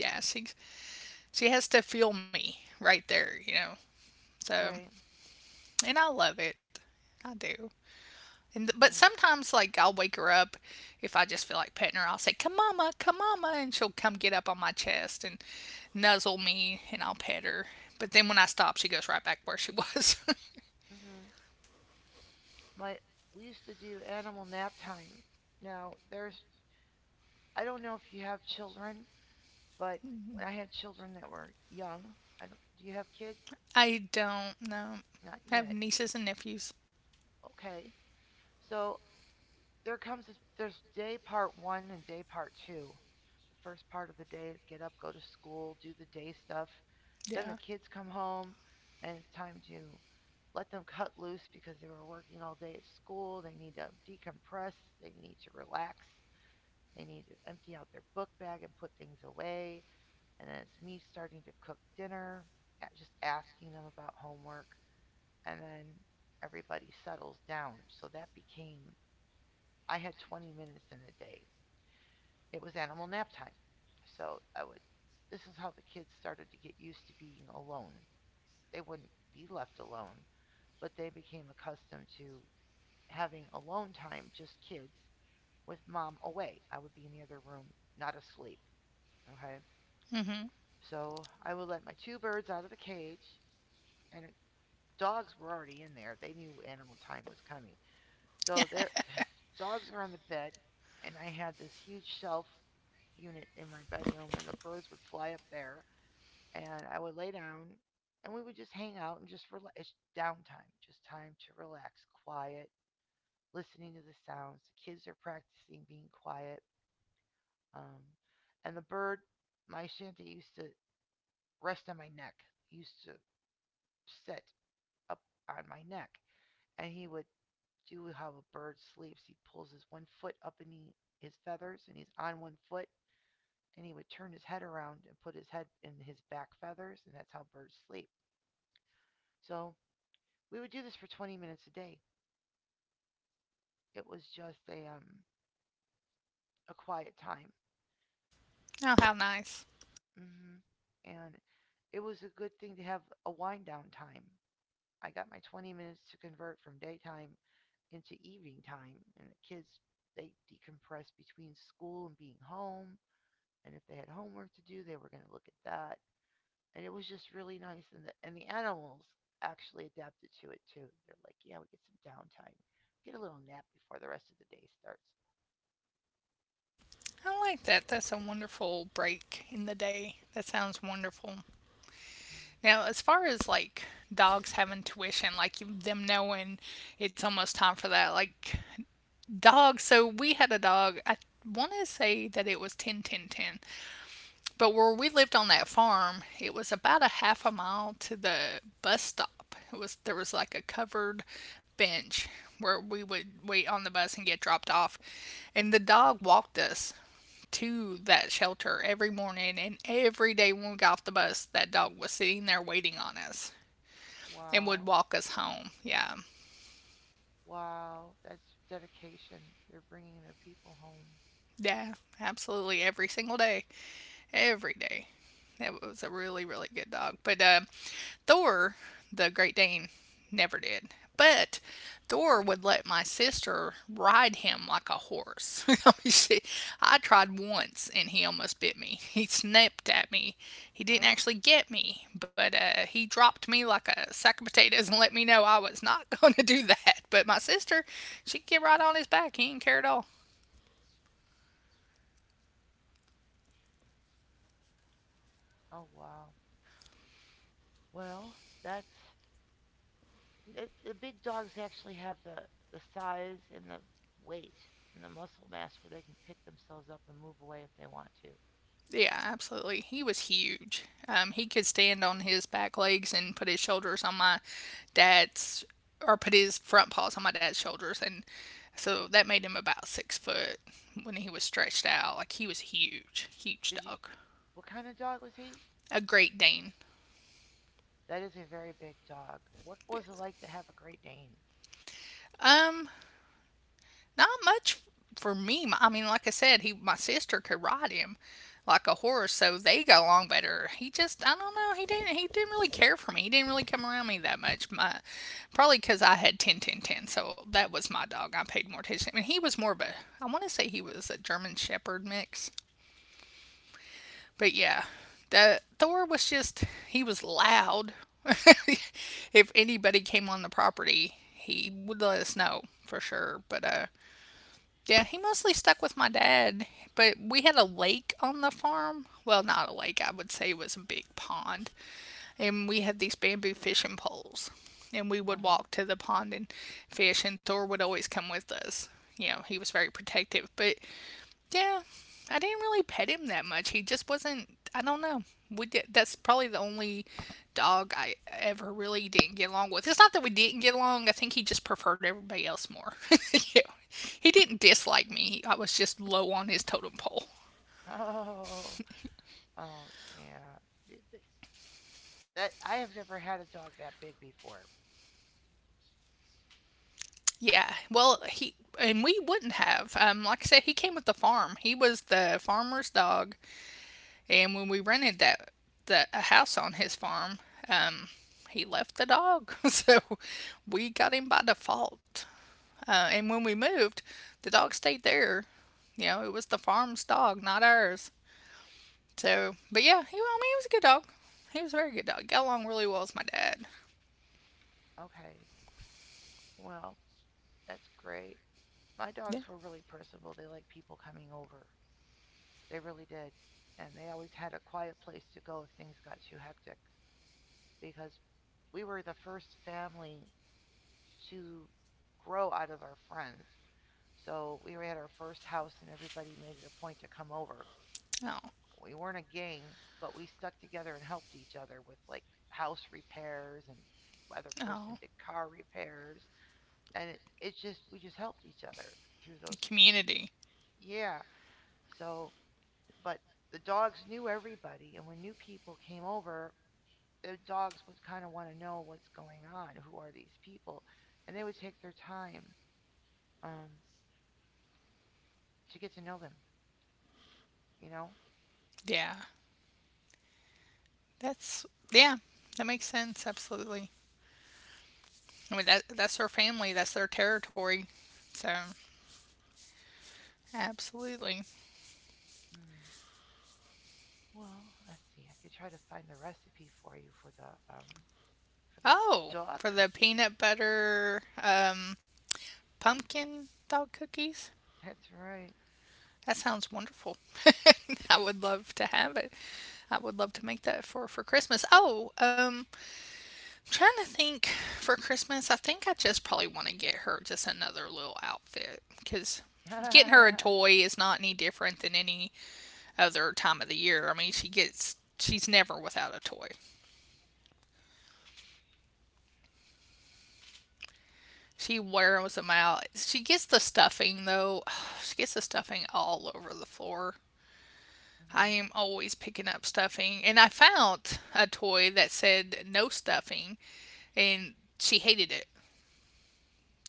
A: yeah, she has to feel me right there. So.
B: Right.
A: And I love it. I do. But sometimes like I'll wake her up if I just feel like petting her. I'll say, come, mama," and she'll come get up on my chest and nuzzle me, and I'll pet her. But then when I stop, she goes right back where she was.
B: Mm-hmm. But we used to do animal nap time. Now, I don't know if you have children, but when I had children that were young, I don't, do you have kids?
A: I don't know.
B: Not
A: I have
B: yet.
A: nieces and nephews.
B: Okay. So there's day part one and day part two. The first part of the day is get up, go to school, do the day stuff. Then the
A: Yeah.
B: kids come home, and it's time to let them cut loose because they were working all day at school. They need to decompress, they need to relax, they need to empty out their book bag and put things away. And then it's me starting to cook dinner, just asking them about homework. And then everybody settles down. So that became, I had 20 minutes in a day, it was animal nap time. So I would this is how the kids started to get used to being alone. They wouldn't be left alone, but they became accustomed to having alone time, just kids, with mom away. I would be in the other room, not asleep. Okay.
A: Mhm.
B: So I would let my two birds out of the cage, and dogs were already in there. They knew animal time was coming.
A: Yeah.
B: So their dogs are on the bed, and I had this huge shelf unit in my bedroom, and the birds would fly up there and I would lay down and we would just hang out and just relax. It's downtime, just time to relax, quiet, listening to the sounds. The kids are practicing being quiet. Um, and the bird, my Shanta used to rest on my neck, he used to sit up on my neck. And he would do how a bird sleeps. He pulls his one foot up in his feathers and he's on one foot. And he would turn his head around and put his head in his back feathers. And that's how birds sleep. So we would do this for 20 minutes a day. It was just a quiet time.
A: Oh, how nice.
B: hmm And it was a good thing to have a wind down time. I got my 20 minutes to convert from daytime into evening time, and the kids they decompressed between school and being home. And if they had homework to do, they were going to look at that. And it was just really nice. And the animals actually adapted to it too. They're like, yeah, we get some downtime, get a little nap before the rest of the day starts.
A: I like that. That's a wonderful break in the day. That sounds wonderful.
B: Mm,
A: Now, as far as like dogs having tuition, like them knowing it's almost time for that, like dogs. So we had a dog. I want to say that it was 10, 10, ten. But where we lived on that farm, it was about a half a mile to the bus stop. It was There was like a covered bench where we would wait on the bus and get dropped off. And the dog walked us to that shelter every morning, and every day when we got off the bus, that dog was sitting there waiting on us and would
B: Wow.
A: walk us home. Yeah.
B: Wow, that's dedication. They're bringing their people home.
A: Yeah, absolutely every single day. Every day. That was a really, really good dog. But Thor, the Great Dane, never did. But Thor would let my sister ride him like a horse. I mean, I tried once and he almost bit me. He snapped at me. He didn't
B: Oh,
A: actually get me, but he dropped me like a sack of potatoes and let me know I was not going to do that. But my sister, she'd get right on his back. He didn't care at all.
B: oh wow. Well, that's it, the big dogs actually have the size and the weight and the muscle mass where they can pick themselves up and move away if they want to.
A: Yeah, absolutely. He was huge. He could stand on his back legs and put his shoulders on my dad's, or put his front paws on my dad's shoulders, and so that made him about 6 foot when he was stretched out. Like he was huge, huge
B: Did you?
A: dog,
B: What kind of dog was he?
A: a Great Dane.
B: That is a very big dog. What was it like to have a Great Dane?
A: Um, Not much for me. I mean, like I said, he my sister could ride him like a horse, so they got along better. He just I don't know. He didn't really care for me. He didn't really come around me that much. My Probably because I had ten. So that was my dog. I paid more attention. I mean, he was more of a— I want to say he was a German Shepherd mix, but yeah, the Thor was just he was loud. If anybody came on the property, he would let us know for sure. But yeah, he mostly stuck with my dad, but we had a lake on the farm. Well, not a lake, I would say it was a big pond. And we had these bamboo fishing poles. And we
B: Uh
A: would
B: huh.
A: walk to the pond and fish, and Thor would always come with us. You know, he was very protective. But yeah, I didn't really pet him that much. He just wasn't. I don't know. We did. That's probably the only dog I ever really didn't get along with. It's not that we didn't get along. I think he just preferred everybody else more. Yeah. He didn't dislike me. I was just low on his totem pole.
B: Oh, oh yeah. That I have never had a dog that big before.
A: Yeah. Well, he and we wouldn't have. Like I said, he came with the farm. He was the farmer's dog. And when we rented that the a house on his farm, um, he left the dog, so we got him by default. And when we moved, the dog stayed there. You know, it was the farm's dog, not ours. So, but yeah, he, well, I mean, he was a good dog. He was a very good dog. Got along really well with my dad.
B: Okay. Well, that's great. My
A: Yeah.
B: dogs were really personable. They liked people coming over. They really did. And they always had a quiet place to go if things got too hectic. Because we were the first family to grow out of our friends. So we were at our first house and everybody made it a point to come over.
A: Oh,
B: We weren't a gang, but we stuck together and helped each other with like house repairs and other person
A: oh,
B: did car repairs and it just we just helped each other through those.
A: community.
B: Yeah. So but the dogs knew everybody, and when new people came over, the dogs would kind of want to know what's going on, who are these people, and they would take their time um, to get to know them, you know?
A: Yeah, that's yeah, that makes sense. Absolutely. I mean, that's their family. That's their territory. So, absolutely.
B: Mm. Well, let's see. I could try to find the recipe for you for the
A: Oh,
B: dog
A: for the
B: cookies.
A: peanut butter pumpkin dog cookies?
B: That's right.
A: That sounds wonderful. I would love to have it. I would love to make that for Christmas. Oh, trying to think. For Christmas, I think I just probably want to get her just another little outfit, because getting her a
B: hmm
A: toy is not any different than any other time of the year. I mean, she's never without a toy. She wears them out. She gets the stuffing, though. She gets the stuffing all over the floor. I am always picking up stuffing, and I found a toy that said no stuffing, and she hated it.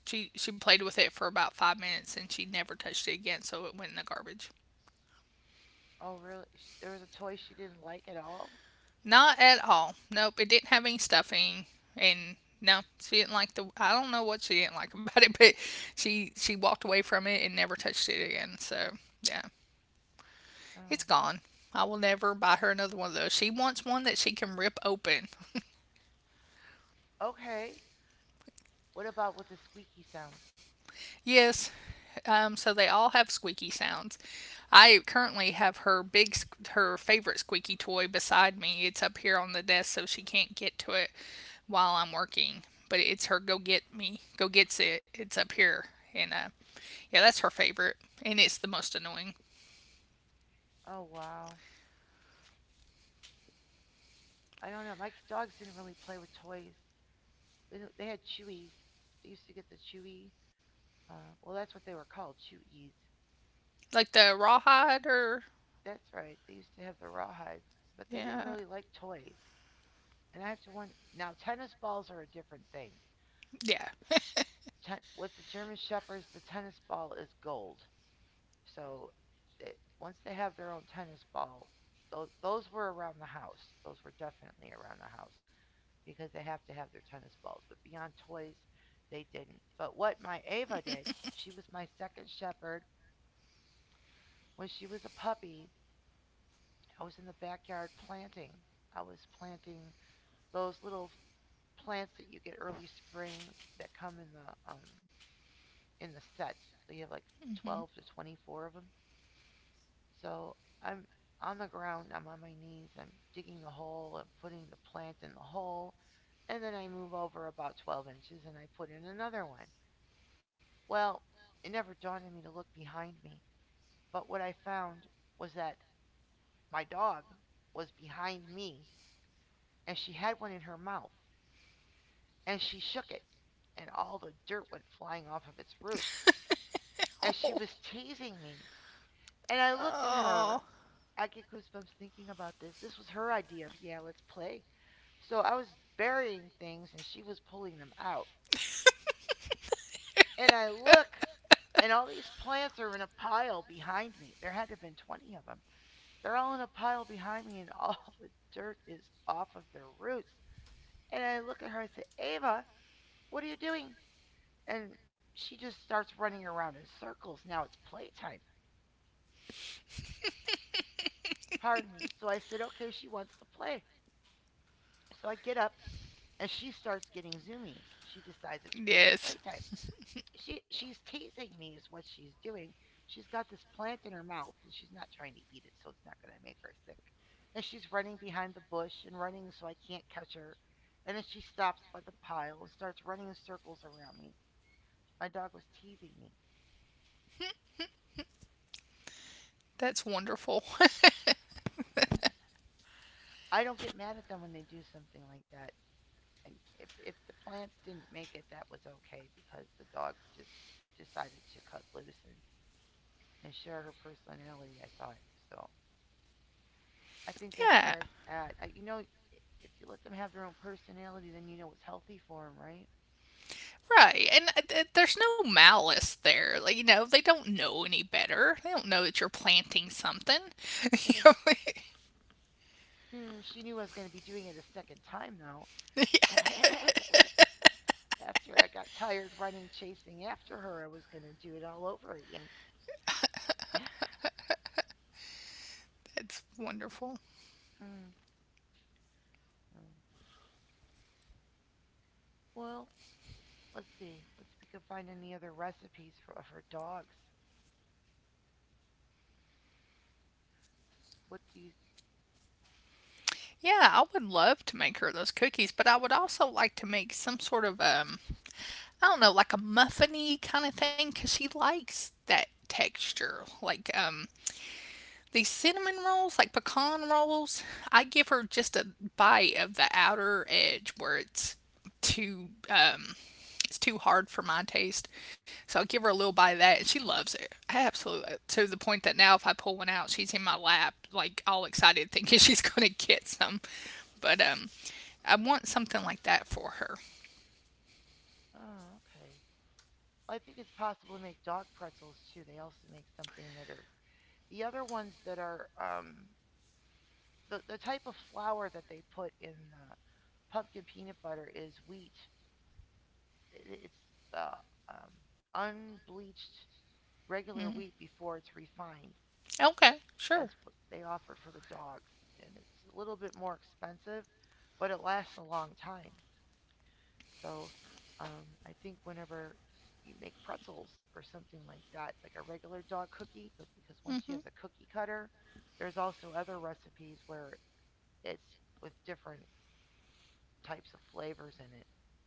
A: She played with it for about 5 minutes, and she never touched it again. So it went in the garbage.
B: Oh, really? There was a toy she didn't like at all?
A: Not at all. Nope. It didn't have any stuffing, and no, she didn't like the— I don't know what she didn't like about it, but she walked away from it and never touched it again. So yeah,
B: Oh.
A: it's gone. I will never buy her another one of those. She wants one that she can rip open.
B: Okay. What about with the squeaky sounds?
A: Yes, so they all have squeaky sounds. I currently have her big, her favorite squeaky toy beside me. It's up here on the desk, so she can't get to it while I'm working. But it's her go get me, go gets it. It's up here, and yeah, that's her favorite, and it's the most annoying.
B: Oh, wow. I don't know. My dogs didn't really play with toys. They had Chewies. They used to get the chewie. Well, that's what they were called, Chewies.
A: Like the rawhide, or
B: That's right. They used to have the rawhides, but they didn't
A: yeah,
B: really like toys. And I have to wonder now. Tennis balls are a different thing.
A: yeah.
B: With the German shepherds, the tennis ball is gold. So they, once they have their own tennis ball, those were around the house. Those were definitely around the house. Because they have to have their tennis balls. But beyond toys, they didn't. But what my Ava did, she was my second shepherd. When she was a puppy, I was in the backyard planting. I was planting those little plants that you get early spring that come in the set. You have like
A: Mm-hmm.
B: 12 to 24 of them. So I'm on the ground, I'm on my knees, I'm digging the hole and putting the plant in the hole, and then I move over about 12 inches and I put in another one. Well, it never dawned on me to look behind me, but what I found was that my dog was behind me, and she had one in her mouth, and she shook it, and all the dirt went flying off of its roots, and
A: Oh.
B: she was teasing me, and I looked at her.
A: Oh.
B: I get goosebumps thinking about this. This was her idea of, yeah, let's play. So I was burying things and she was pulling them out. And I look, and all these plants are in a pile behind me. There had to have been 20 of them. They're all in a pile behind me and all the dirt is off of their roots. And I look at her, I say, Ava, what are you doing? And she just starts running around in circles. Now it's playtime. Pardon me. So I said, okay, she wants to play. So I get up and she starts getting zoomies. She decides it's really
A: Yes.
B: playtime. She's teasing me is what she's doing. She's got this plant in her mouth and she's not trying to eat it, so it's not going to make her sick. And she's running behind the bush and running so I can't catch her. And then she stops by the pile and starts running in circles around me. My dog was teasing me.
A: That's wonderful.
B: I don't get mad at them when they do something like that. And if the plants didn't make it, that was okay because the dog just decided to cut loose and, share her personality, I thought. So I think that's
A: Yeah.
B: where it's at. If you let them have their own personality, then you know what's healthy for them, right?
A: Right. And there's no malice there. Like, you know, they don't know any better. They don't know that you're planting something. You know,
B: She knew I was going to be doing it a second time, though.
A: yeah,
B: after I got tired running, chasing after her, I was going to do it all over again.
A: that's wonderful.
B: mm. Well, let's see. Let's see if we can find any other recipes for dogs. What do you.
A: Yeah, I would love to make her those cookies, but I would also like to make some sort of I don't know, like a muffiny kind of thing, cuz she likes that texture. Like these cinnamon rolls, like pecan rolls, I give her just a bite of the outer edge where too um, it's too hard for my taste. So I give her a little bite of that, and she loves it absolutely, to the point that now if I pull one out, she's in my lap, like all excited, thinking she's going to get some. But I want something like that for her.
B: Oh, okay. I think it's possible to make dog pretzels too. They also make something that are the other ones that are the type of flour that they put in the pumpkin peanut butter is wheat. It's the um, unbleached regular wheat before it's refined.
A: Okay, sure.
B: That's what they offered for the dogs, and it's a little bit more expensive, but it lasts a long time. So I think whenever you make pretzels or something like that, like a regular dog cookie, because once
A: Mhm.
B: you have the cookie cutter, there's also other recipes where it's with different types of flavors in it.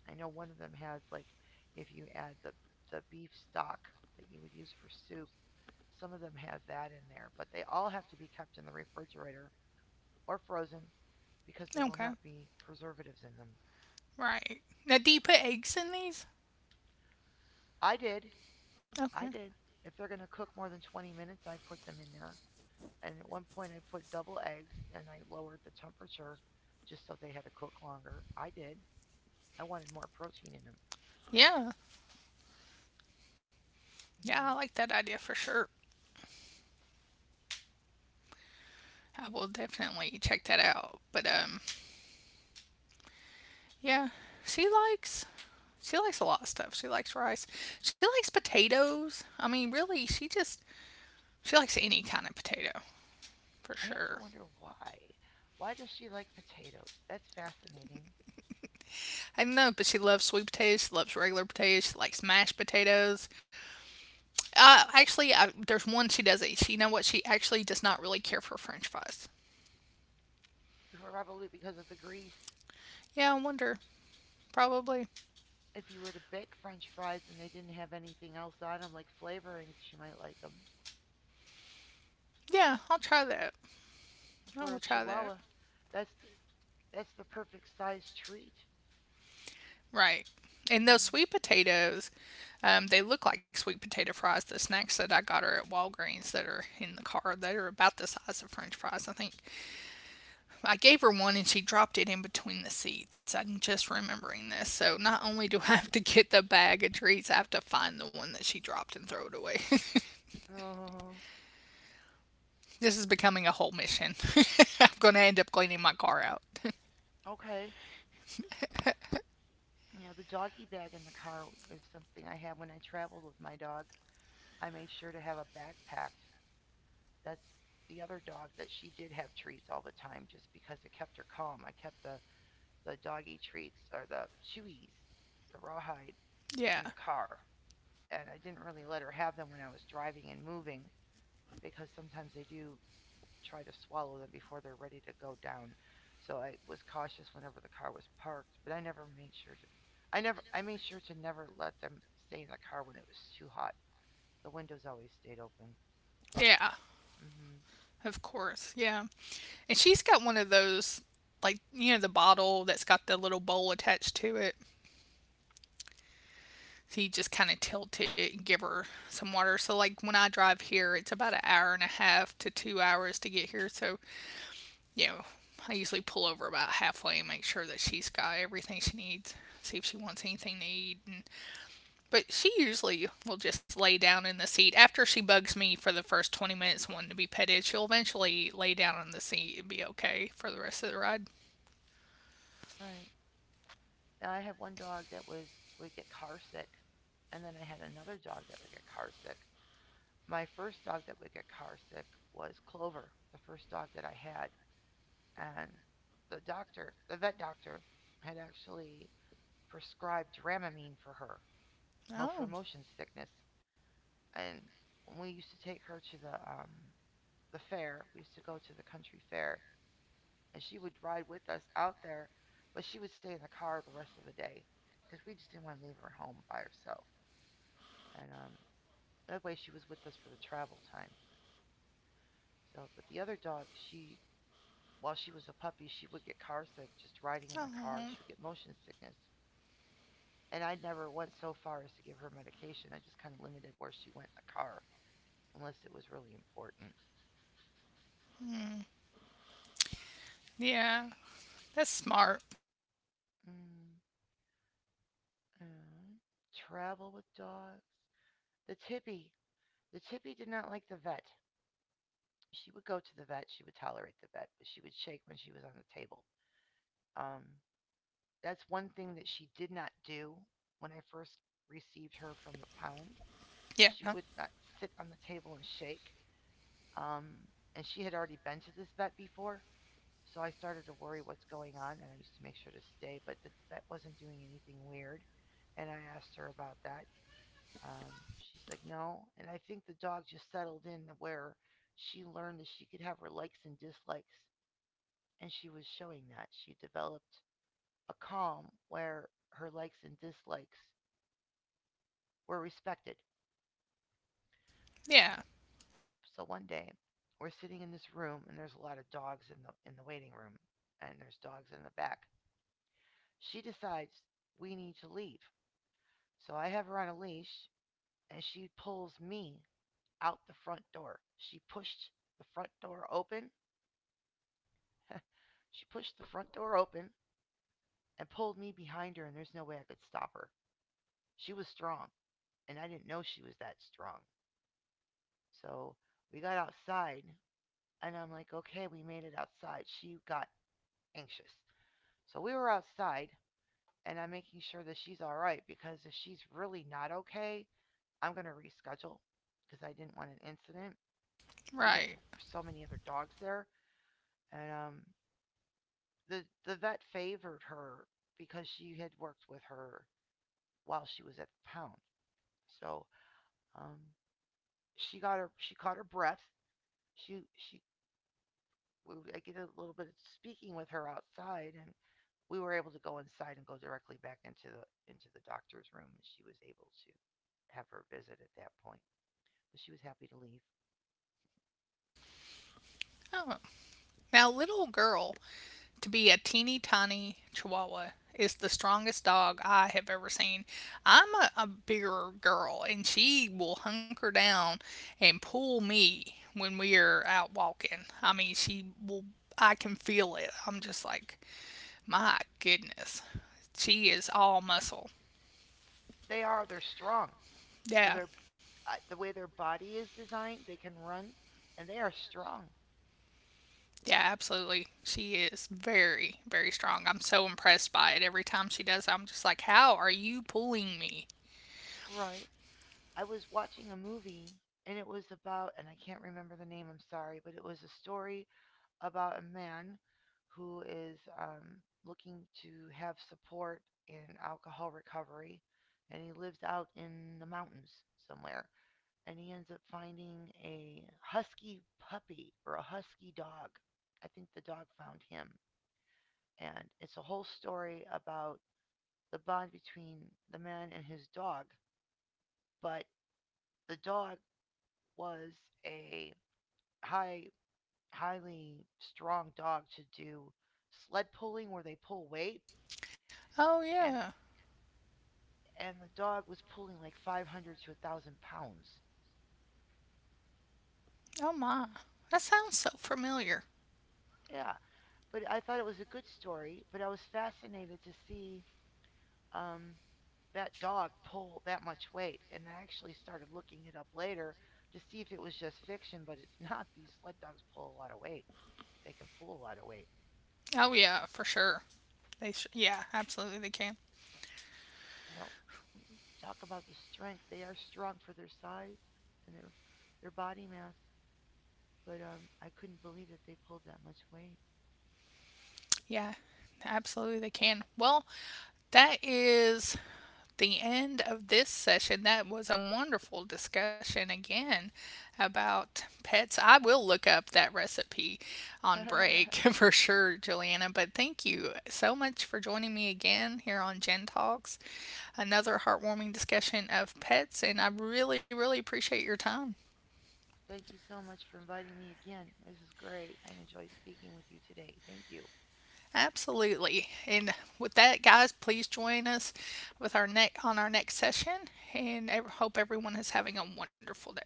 B: I know one of them has like if you add the beef stock that you would use for soup, some of them have that in there, but they all have to be kept in the refrigerator or frozen because there will
A: Okay,
B: not be preservatives in them.
A: right. Now, do you put eggs in these?
B: I did.
A: Okay.
B: I did. If they're going to cook more than 20 minutes, I put them in there. And at one point I put double eggs and I lowered the temperature just so they had to cook longer. I did. I wanted more protein in them.
A: Yeah, yeah, I
B: hmm
A: like that idea for sure. I will definitely check that out. But yeah, she likes she likes a lot of stuff. She likes rice. She likes potatoes. I mean, really, she likes any kind of potato for
B: I have to
A: sure.
B: wonder why. Why does she like potatoes? That's fascinating.
A: I don't know, but she loves sweet potatoes. She loves regular potatoes. She likes mashed potatoes. Actually, there's one she does eat. She You know what, she actually does not really care for French fries.
B: Probably because of the grease.
A: Yeah, I wonder. Probably.
B: If you were to bake French fries and they didn't have anything else on them, like flavorings, she might like them.
A: Yeah, I'll try that. I
B: For
A: will
B: a
A: try that.
B: Chihuahua, that's the, that's the perfect size treat.
A: Right. And those
B: Mm.
A: sweet potatoes, they look like sweet potato fries. The snacks that I got her at Walgreens that are in the car, they are about the size of French fries. I think I gave her one and she dropped it in between the seats. I'm just remembering this. So not only do I have to get the bag of treats, I have to find the one that she dropped and throw it away.
B: Oh,
A: This is becoming a whole mission. I'm going to end up cleaning my car out.
B: okay. You know, the doggy bag in the car is something I had when I traveled with my dog. I made sure to have a backpack. That's the other dog that she did have treats all the time just because it kept her calm. I kept the doggy treats or the chewies, the rawhide, in the
A: Yeah.
B: car. And I didn't really let her have them when I was driving and moving because sometimes they do try to swallow them before they're ready to go down. So I was cautious whenever the car was parked, but I made sure to never let them stay in the car when it was too hot. The windows always stayed open.
A: Yeah.
B: Mhm.
A: Of course. Yeah. And she's got one of those, like, you know, the bottle that's got the little bowl attached to it. So you just kind of tilt it and give her some water. So, like, when I drive here, it's about an hour and a half to 2 hours to get here. So, you know, I usually pull over about halfway and make sure that she's got everything she needs, see if she wants anything to eat. And, but she usually will just lay down in the seat. After she bugs me for the first 20 minutes wanting to be petted, she'll eventually lay down on the seat and be okay for the rest of the ride.
B: Right. And I had one dog that was would get car sick, and then I had another dog that would get car sick. My first dog that would get car sick was Clover, the first dog that I had. And the doctor, the vet doctor, had actually prescribed Dramamine for her for
A: Oh.
B: motion sickness. And when we used to take her to the fair, we used to go to the country fair, and she would ride with us out there, but she would stay in the car the rest of the day because we just didn't want to leave her home by herself. And that way, she was with us for the travel time. So, but the other dog, she while she was a puppy she would get carsick just riding in the car. She
A: Oh.
B: would get motion sickness. And I never went so far as to give her medication. I just kind of limited where she went in the car, unless it was really important.
A: Mm, yeah, that's smart.
B: Mm, mm. Travel with dogs. The tippy. The tippy did not like the vet. She would go to the vet. She would tolerate the vet, but she would shake when she was on the table. Um, that's one thing that she did not do when I first received her from the pound. She
A: Yeah,
B: would not sit on the table and shake. Um, and she had already been to this vet before, so I started to worry what's going on, and I used to make sure to stay, but the vet wasn't doing anything weird. And I asked her about that. She's like, no. And I think the dog just settled in where she learned that she could have her likes and dislikes, and she was showing that. She developed a calm where her likes and dislikes were respected. So
A: yeah,
B: So one day, we're sitting in this room, and there's a lot of dogs in the waiting room, and there's dogs in the back. She decides we need to leave. So I have her on a leash, and she pulls me out the front door. She pushed the front door open. She pushed the front door open and pulled me behind her, and there's no way I could stop her. She was strong, and I didn't know she was that strong. So we got outside, and I'm like, okay, we made it outside. She got anxious. So we were outside, and I'm making sure that she's all right because if she's really not okay, I'm going to reschedule because I didn't want an incident because there
A: right.
B: were so many other dogs there and the vet favored her because she had worked with her while she was at the pound. So, um she caught her breath. She I did a little bit of speaking with her outside and we were able to go inside and go directly back into the doctor's room and she was able to have her visit at that point. But she was happy to leave.
A: Oh. Now, little girl, to be a teeny tiny Chihuahua, is the strongest dog I have ever seen. I'm a bigger girl, and she will hunker down and pull me when we are out walking. I mean, she will. I can feel it. I'm just like, my goodness, she is all muscle.
B: They are. They're strong for
A: Yeah.
B: their the way their body is designed. They can run, and they are strong.
A: Yeah, absolutely. She is very, very strong. I'm so impressed by it. Every time she does, I'm just like, how are you pulling me?
B: Right. I was watching a movie, and I can't remember the name. I'm sorry, but it was a story about a man who is looking to have support in alcohol recovery, and he lives out in the mountains somewhere. And he ends up finding a husky puppy or a husky dog. I think the dog found him. And it's a whole story about the bond between the man and his dog. But the dog was a high, highly strong dog to do sled pulling where they pull weight.
A: Oh, yeah.
B: And, and the dog was pulling like 500 to 1,000 pounds.
A: Oh, my. That sounds so familiar.
B: Yeah. But I thought it was a good story. But I was fascinated to see um, that dog pull that much weight. And I actually started looking it up later to see if it was just fiction, but it's not. These sled dogs pull a lot of weight. They can pull a lot of weight.
A: Oh, yeah, for sure. Yeah, absolutely they can.
B: S- you know, talk about the strength. They are strong for their size and their body mass. But I couldn't believe that they pulled that much weight.
A: Yeah, absolutely they can. Well, that is the end of this session. That was a wonderful discussion again about pets. I will look up that recipe on break for sure, Juliana. But thank you so much for joining me again here on Gen Talks, another heartwarming discussion of pets. And I really, really appreciate your time.
B: Thank you so much for inviting me again. This is great. I enjoyed speaking with you today. Thank you.
A: Absolutely. And with that, guys, please join us with our next on our next session. And I hope everyone is having a wonderful day.